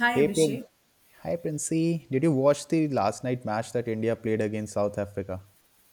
Hi Hey, Prin- Abhishek. Hi Princey. Did you watch the last night match that India played against South Africa?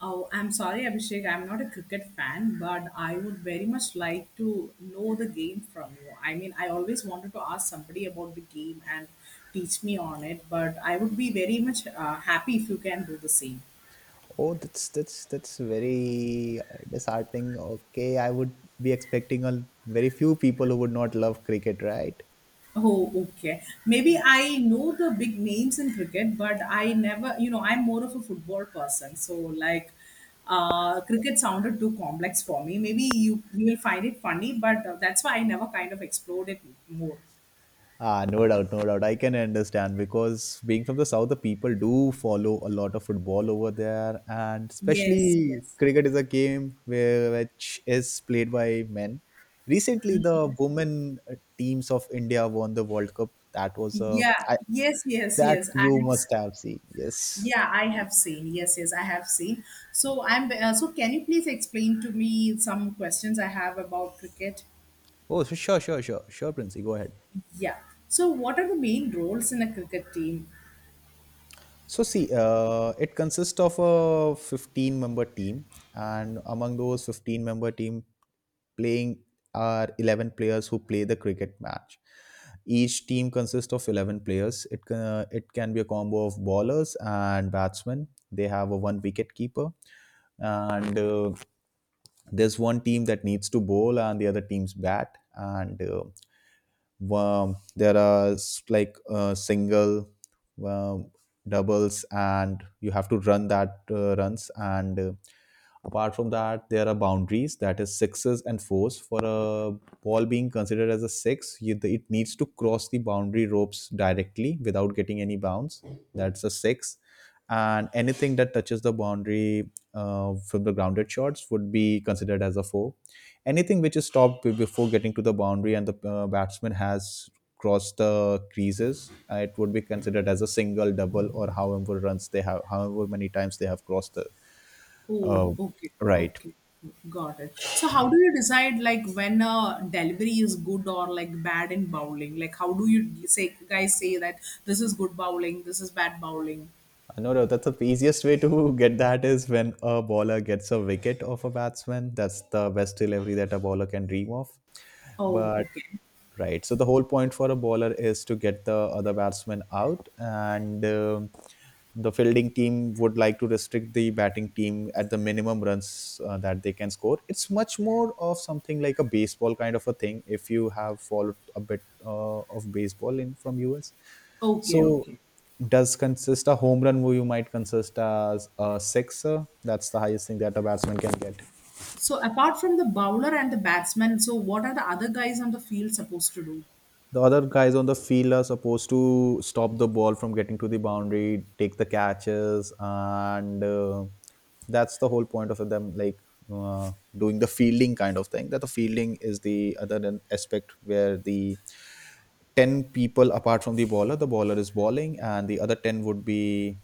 Oh, I'm sorry, Abhishek. I'm not a cricket fan, but I would very much like to know the game from you. I mean, I always wanted to ask somebody about the game and teach me on it, but I would be very much happy if you can do the same. That's very disheartening. Okay, I would be expecting a very few people who would not love cricket, right? Oh, okay. Maybe I know the big names in cricket, but I never, I'm more of a football person. So, like, cricket sounded too complex for me. Maybe you will find it funny, but that's why I never kind of explored it more. Ah, no doubt, no doubt. I can understand because being from the south, the people do follow a lot of football over there, and Yes, especially yes. cricket is a game where which is played by men. Recently, the women teams of India won the World Cup. That was a Yeah, I, yes, yes, that yes. I you have, must have seen. Yes. yeah, I have seen. Yes, yes, I have seen. So can you please explain to me some questions I have about cricket? Oh, so sure, Princey. Go ahead. Yeah. So what are the main roles in a cricket team? So see, it consists of a 15-member team, and among those 15-member team playing are 11 players who play the cricket match. Each team consists of 11 players. It can be a combo of bowlers and batsmen. They have a one wicket keeper, and there's one team that needs to bowl and the other team's bat and there are like single, um, doubles, and you have to run that runs. And apart from that, there are boundaries that is sixes and fours. For a ball being considered as a six, it needs to cross the boundary ropes directly without getting any bounce. That's a six. And anything that touches the boundary from the grounded shots would be considered as a four, anything which is stopped before getting to the boundary and the batsman has crossed the creases, it would be considered as a single, double, or however runs they have, however many times they have crossed the Oh, uh, okay, right. okay. Got it. So how do you decide like when a delivery is good or like bad in bowling? Like how do you say guys say that this is good bowling, this is bad bowling? No, that's the easiest way to get that is when a bowler gets a wicket of a batsman. That's the best delivery that a bowler can dream of, Oh, but okay. right. So the whole point for a bowler is to get the other batsman out, and the fielding team would like to restrict the batting team at the minimum runs that they can score. It's much more of something like a baseball kind of a thing. If you have followed a bit of baseball in from US, Okay, so okay. does consist a home run where you might consist as a sixer. That's the highest thing that a batsman can get. So apart from the bowler and the batsman, so what are the other guys on the field supposed to do? The other guys on the field are supposed to stop the ball from getting to the boundary, take the catches, and that's the whole point of them, like uh, doing the fielding kind of thing. That the fielding is the other aspect where the 10 people apart from the bowler is bowling and the other 10 would be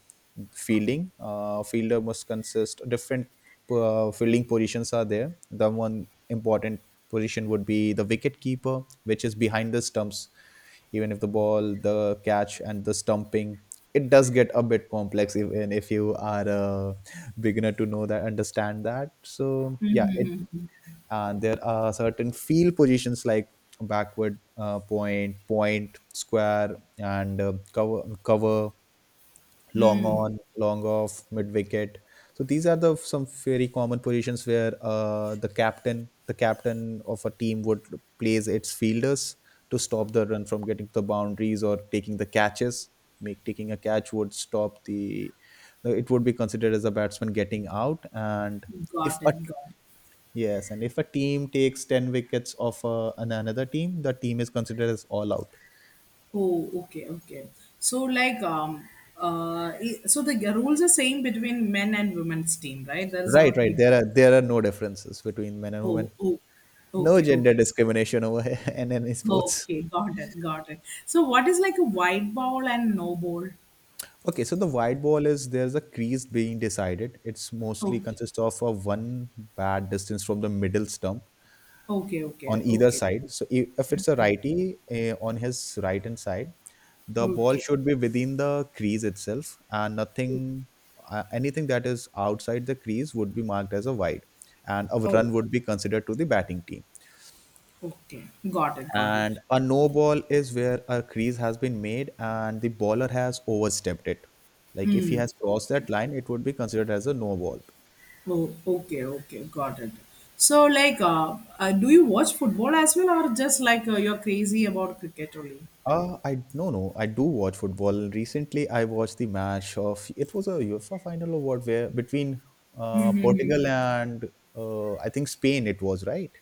fielding. Fielder must consist different fielding positions. Are there the one important position would be the wicket keeper, which is behind the stumps, even if the ball, the catch and the stumping. It does get a bit complex even if you are a beginner to know that, understand that. So yeah, it, and there are certain field positions like backward point, square, and cover, long Hmm. on, long off, mid wicket. So these are the some very common positions where the captain of a team would place its fielders to stop the run from getting to the boundaries or taking the catches. Make Taking a catch would stop the, it would be considered as a batsman getting out. And if Got a it. Got it. Yes, and if a team takes 10 wickets off another team, the team is considered as all out. Oh, okay, okay. So like so the rules are same between men and women's team, right? There is Right, not right. big There are, there are no differences between men and oh women. oh No okay, gender okay. discrimination over here in any sports. Okay, got it, got it. So what is like a white ball and no ball? Okay, so the white ball is there's a crease being decided. It's mostly Okay, consists of a one bad distance from the middle stump okay, on okay, either okay, side. So if it's a righty, on his right hand side, the ball okay. should be within the crease itself and nothing anything that is outside the crease would be marked as a wide, and a Oh, run would be considered to the batting team. okay. Got it, got it. And a no ball is where a crease has been made and the bowler has overstepped it, like if he Hmm. has crossed Okay. that line, it would be considered as a no ball. Oh, okay, okay, got it. So, like, do you watch football as well, or just like you're crazy about cricket only? I no no I do watch football. Recently I watched the match of, it was a UEFA final or what? Where between Mhm. Portugal and I think Spain. It was right.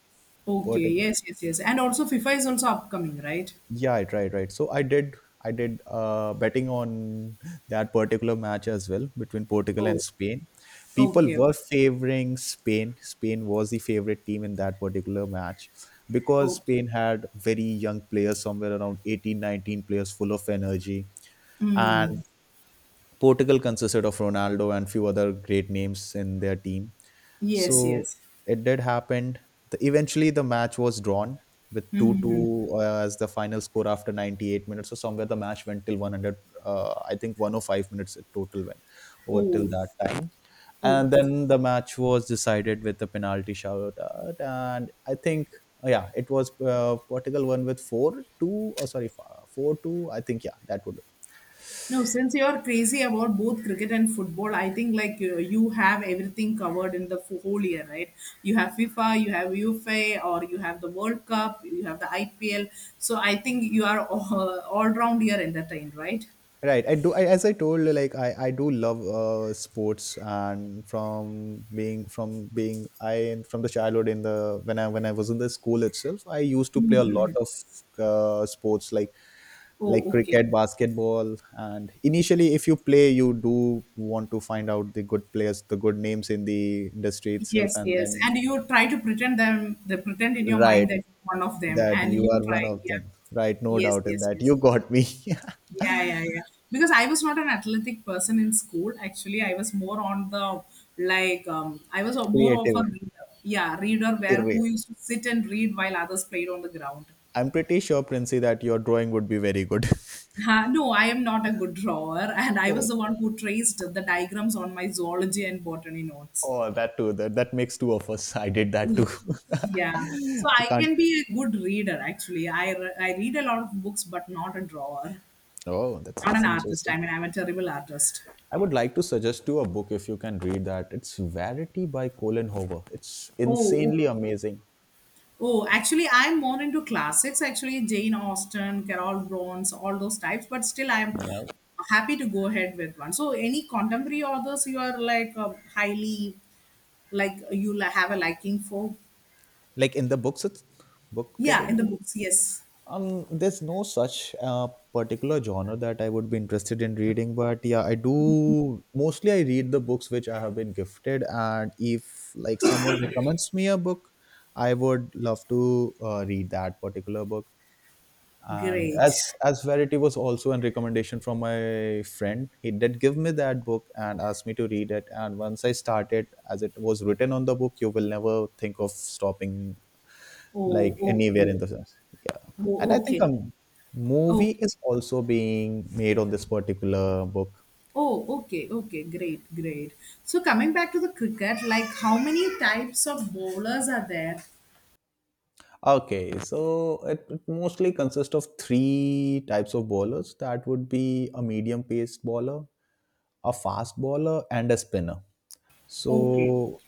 Okay, Portugal. yes, yes, yes. And also, FIFA is also upcoming, right? Yeah, right. I did betting on that particular match as well between Portugal and Oh, Spain. People okay, okay. were favoring Spain. Spain was the favorite team in that particular match because Oh, Spain had very young players, somewhere around 18, 19 players, full of energy. And. Portugal consisted of Ronaldo and few other great names in their team. yes, So yes. it did happen. Eventually, the match was drawn with 2-2 as the final score after 98 minutes. So somewhere the match went till 100. I think 105 minutes it total went over till Oh, that time. And okay. then the match was decided with the penalty shoutout. And I think, yeah, it was Portugal won with 4-2. Oh, sorry, 4-2. I think, yeah, that would No, since you're crazy about both cricket and football, I think like you have everything covered in the whole year, right? You have FIFA, you have UEFA, or you have the World Cup, you have the IPL. So I think you are all round year entertained, right? right. I do. As I told, like I do love sports, and from being I from the childhood in the when I was in the school itself, I used to play a lot of sports like Oh, okay. cricket, basketball, and initially, if you play, you do want to find out the good players, the good names in the industry itself, Yes, and yes. then And you try to pretend them, the pretend in your right mind that you're one of them, that and you you are one try. of Yeah. them. Right, no Yes, doubt in yes, that. yes. You got me. Yeah, yeah, yeah. Because I was not an athletic person in school. Actually, I was more on the like I was more of a Creative, reader. Yeah, reader where who used to sit and read while others played on the ground. I'm pretty sure, Princey, that your drawing would be very good. No, I am not a good drawer, and I Oh, was the one who traced the diagrams on my zoology and botany notes. oh that too. That makes two of us. I did that too. Yeah, so I I can't. can be a good reader actually. I read a lot of books, but not a drawer, Oh, not an that's artist. interesting. I mean, I'm a terrible artist. I would like to suggest you a book if you can read that. It's Verity by Colin Hoover. It's Oh, insanely amazing. oh, actually, I'm more into classics. Actually, Jane Austen, Carol Bronze, all those types. But still, I'm You know? happy to go ahead with one. So, any contemporary authors you are like highly like have a liking for? Like in the books, it's book Yeah, in the category. books. Yes, There's no such particular genre that I would be interested in reading, but yeah, I do mostly, I read the books which I have been gifted, and if like someone recommends me a book, I would love to read that particular book. And great. as Verity was also a recommendation from my friend, he did give me that book and asked me to read it. And once I started, as it was written on the book, you will never think of stopping Oh, like anywhere in okay. the sense. Yeah. And I Oh, think a okay. movie Okay. is also being made on this particular book. Oh, okay. Okay. Great. Great. So, coming back to the cricket, like how many types of bowlers are there? Okay, so it mostly consists of three types of bowlers. That would be a medium paced bowler, a fast bowler, and a spinner. Okay. So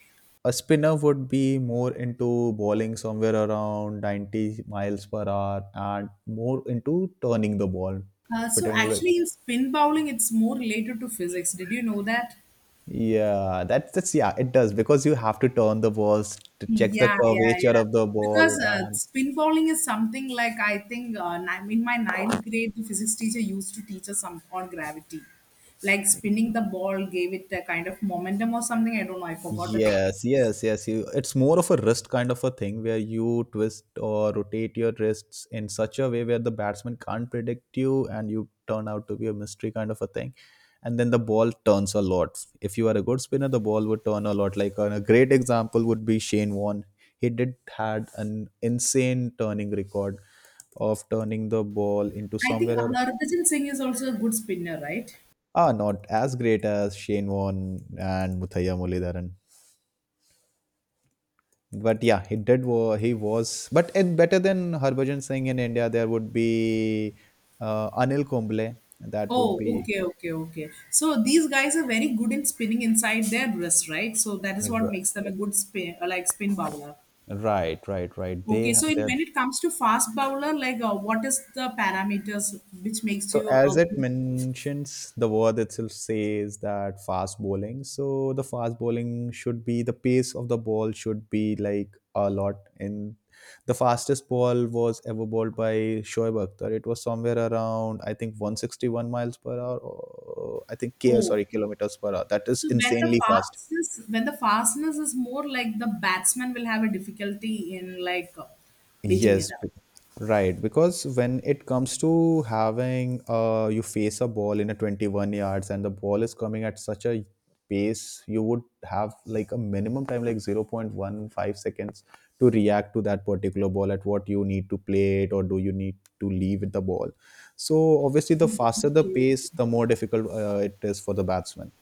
a spinner would be more into bowling somewhere around 90 miles per hour and more into turning the ball, So particularly, actually, in spin bowling, it's more related to physics. Did you know that? yeah, that's, yeah, it does because you have to turn the balls to check the Yeah, yeah, curvature yeah. of the ball Because and spin bowling is something like I think in my 9th grade, the physics teacher used to teach us some on gravity, like spinning the ball gave it a kind of momentum or something. I don't know. I forgot the technique. yes, yes, yes. You, it's more of a wrist kind of a thing where you twist or rotate your wrists in such a way where the batsman can't predict you and you turn out to be a mystery kind of a thing. And then the ball turns a lot. If you are a good spinner, the ball would turn a lot. Like and a great example would be Shane Warne. He did had an insane turning record of turning the ball into I think somewhere around, Harbhajan Singh is also a good spinner, right? ah, not as great as Shane Warne and Muthaiya Mulidharan. But yeah, he did. He was, but and better than Harbhajan Singh in India, there would be Anil Kumble. That would Oh, be okay, okay, okay. So these guys are very good in spinning inside their wrist, right? So that is what makes them a good spin, like spin bowler. right. Okay, so in, they, when it comes to fast bowler, like what is the parameters which makes so you as a it good mentions, the word itself says that fast bowling. So the fast bowling should be the pace of the ball should be like a lot. In The fastest ball was ever bowled by Shoaib Akhtar. It was somewhere around, I think, 161 miles per hour. Or, I think K, bowler? sorry, kilometers per hour. That is So insanely fast. When the fastness is more like the batsman will have a difficulty in like beating it Yes, out. b- right. Because when it comes to having, you face a ball in a 21 yards and the ball is coming at such a pace, you would have like a minimum time like 0.15 seconds to react to that particular ball at what you need to play it or do you need to leave with the ball. So obviously, the faster the Okay. pace, the more difficult it is for the batsman.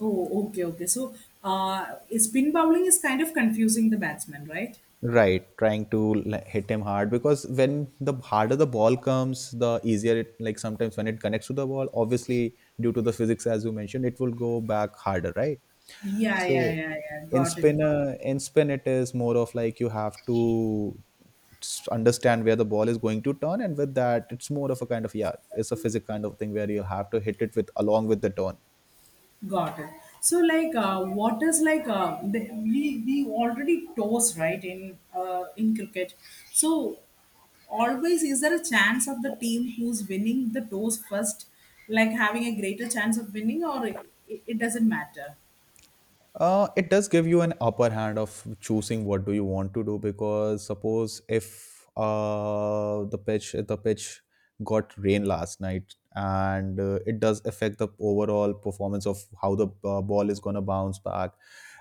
Oh, okay, okay. So spin bowling is kind of confusing the batsman, right? Right, trying to, like, hit him hard because when the harder the ball comes, the easier it, like, sometimes when it connects to the ball, obviously due to the physics as you mentioned, it will go back harder, right? Yeah, yeah, So yeah, yeah. Got it, got it. In spin, it is more of like you have to understand where the ball is going to turn, and with that, it's more of a kind of yeah, it's a physics kind of thing where you have to hit it with along with the turn. Got it. So, like, what is like the, we already toss right in cricket. So, always is there a chance of the team who's winning the toss first, like having a greater chance of winning, or it doesn't matter. It does give you an upper hand of choosing what do you want to do because suppose if the pitch got rain last night, and it does affect the overall performance of how the ball is going to bounce back,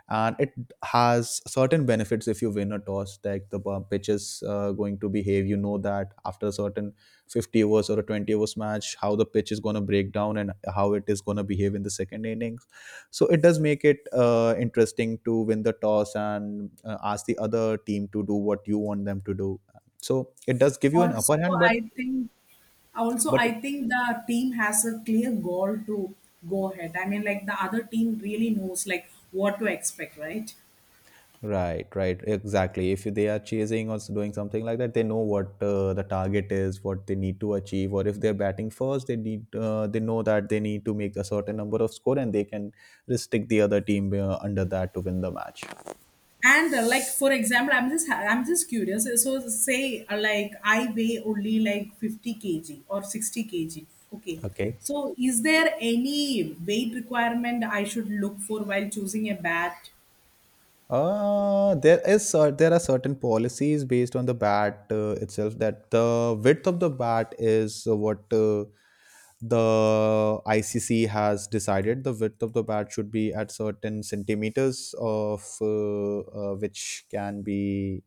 and it has certain benefits if you win a toss. Like the pitch is going to behave, you know, that after a certain 50 overs or a 20 overs match, how the pitch is going to break down and how it is going to behave in the second inning. So it does make it interesting to win the toss and ask the other team to do what you want them to do. So it does give you an Also, upper hand, but I think also but it, I think the team has a clear goal to go ahead. I mean, like the other team really knows like what to expect, right? right, right, exactly. If they are chasing or doing something like that, they know what the target is, what they need to achieve, or if they're batting first, they know that they need to make a certain number of score, and they can restrict the other team under that to win the match. And like for example, I'm just curious, so say like I weigh only like 50 kg or 60 kg, okay? Okay. So is there any weight requirement I should look for while choosing a bat? There is there are certain policies based on the bat itself that the width of the bat is what the ICC has decided. The width of the bat should be at certain centimeters of which can be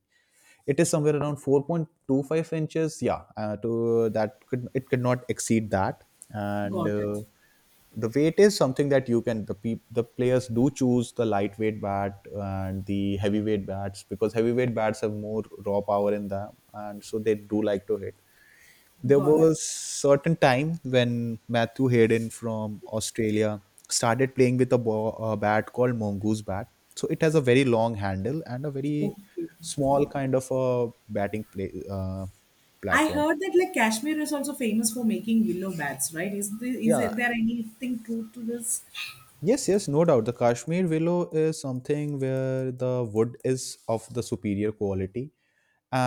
it is somewhere around 4.25 inches, yeah, to that, could it, could not exceed that. And Got it, the weight is something that you can, the the players do choose the lightweight bat and the heavyweight bats because heavyweight bats have more raw power in them, and so they do like to hit. There got it, was certain time when Matthew Hayden from Australia started playing with a, a bat called mongoose bat. So it has a very long handle and a very okay. small kind of a batting play I platform. heard that like Kashmir is also famous for making willow bats, right? Is there, Yeah. There anything true to this? Yes. Yes. No doubt. The Kashmir willow is something where the wood is of the superior quality,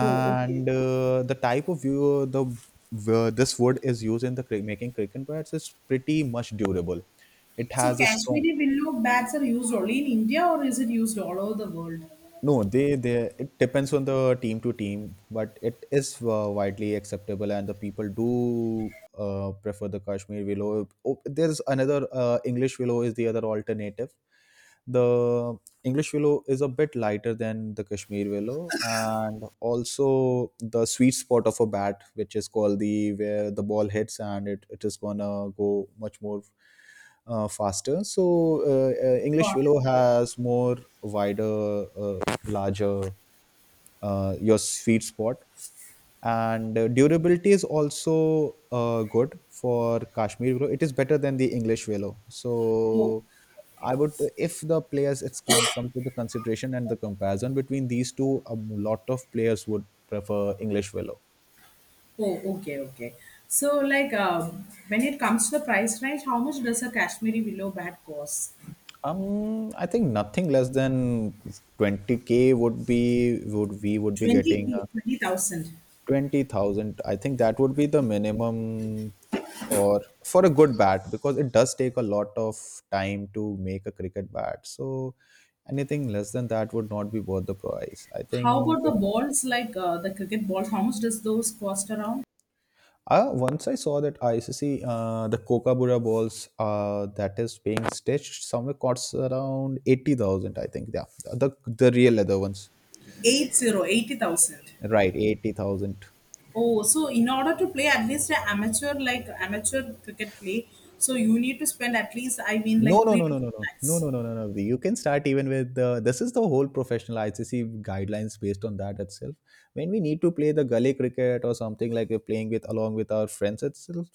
Oh, okay. The type of view, the where this wood is used in the making cricket bats is pretty much durable. It So has a strong. Kashmiri willow bats are used only in India, or is it used all over the world? No, they it depends on the team to team, but it is widely acceptable, and the people do prefer the Kashmir willow. Oh, there's another English willow is the other alternative. The English willow is a bit lighter than the Kashmir willow, and also the sweet spot of a bat, which is called the where the ball hits and it is gonna go much more faster. So English Got willow it. has more wider, larger your sweet spot. And durability is also good for Kashmir willow. It is better than the English willow. Oh, So okay. I would, if the players, it's come to the consideration and the comparison between these two, a lot of players would prefer English willow. Oh, okay, okay. So, like, when it comes to the price range, how much does a Kashmiri willow bat cost? I think nothing less than 20k would be, would we, would be 20, getting 20,000. 20,000. I think that would be the minimum or for a good bat because it does take a lot of time to make a cricket bat. So anything less than that would not be worth the price, I How think. about the balls, like the cricket balls? How much does those cost around? Once I saw that ICC, the Kokabura balls that is being stitched somewhere costs around 80,000, I think. Yeah, the real leather ones. 80, 80,000. Right, 80,000. Oh, so in order to play at least an amateur, like amateur cricket play, so you need to spend at least, I mean, No, like no, three no, to no, no, four no, no, lakhs. no, no, no, no. You can start even with this is the whole professional ICC guidelines based on that itself. When we need to play the gully cricket or something like we're playing with along with our friends itself,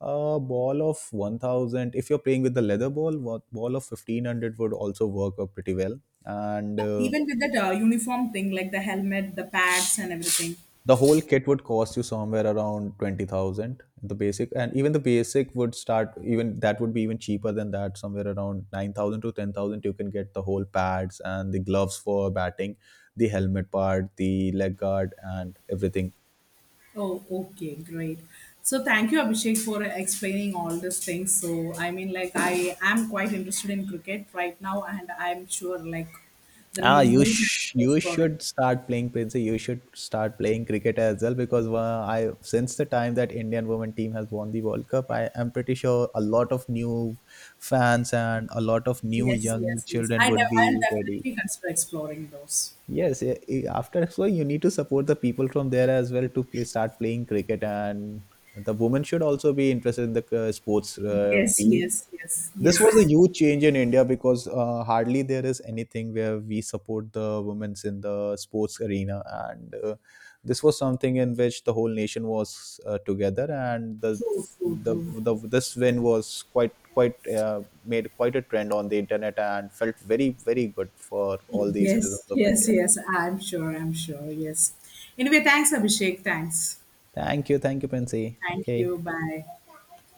a ball of 1000, if you're playing with the leather ball, what ball of 1500 would also work up pretty well. And Even with that uniform thing, like the helmet, the pads, and everything. the whole kit would cost you somewhere around 20,000, the basic. And even the basic would start, even that would be even cheaper than that, somewhere around 9,000 to 10,000. You can get the whole pads and the gloves for batting, the helmet part, the leg guard, and everything. Oh, okay, great. So thank you, Abhishek, for explaining all these things. So I mean, like I am quite interested in cricket right now, and I'm sure like there will Ah, be more chances of you exploring. should start playing, Princey. You should start playing cricket as well because I, since the time that Indian women team has won the World Cup, I am pretty sure a lot of new fans and a lot of new Yes, young yes, yes. children would I'll be ready. definitely consider exploring those. Yes, after, so you need to support the people from there as well to play, start playing cricket, and the women should also be interested in the sports Yes, field. yes, yes, This yes. was a huge change in India because hardly there is anything where we support the women's in the sports arena. And this was something in which the whole nation was together. And True, true, the true. the this win was quite uh, made quite a trend on the internet and felt very, very good for all the citizens Yes, of yes, India. yes. I'm sure. I'm sure. Yes. Anyway, thanks, Abhishek. Thanks. Thank you, Princy. Thank Okay, you. Bye.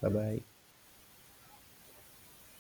bye bye.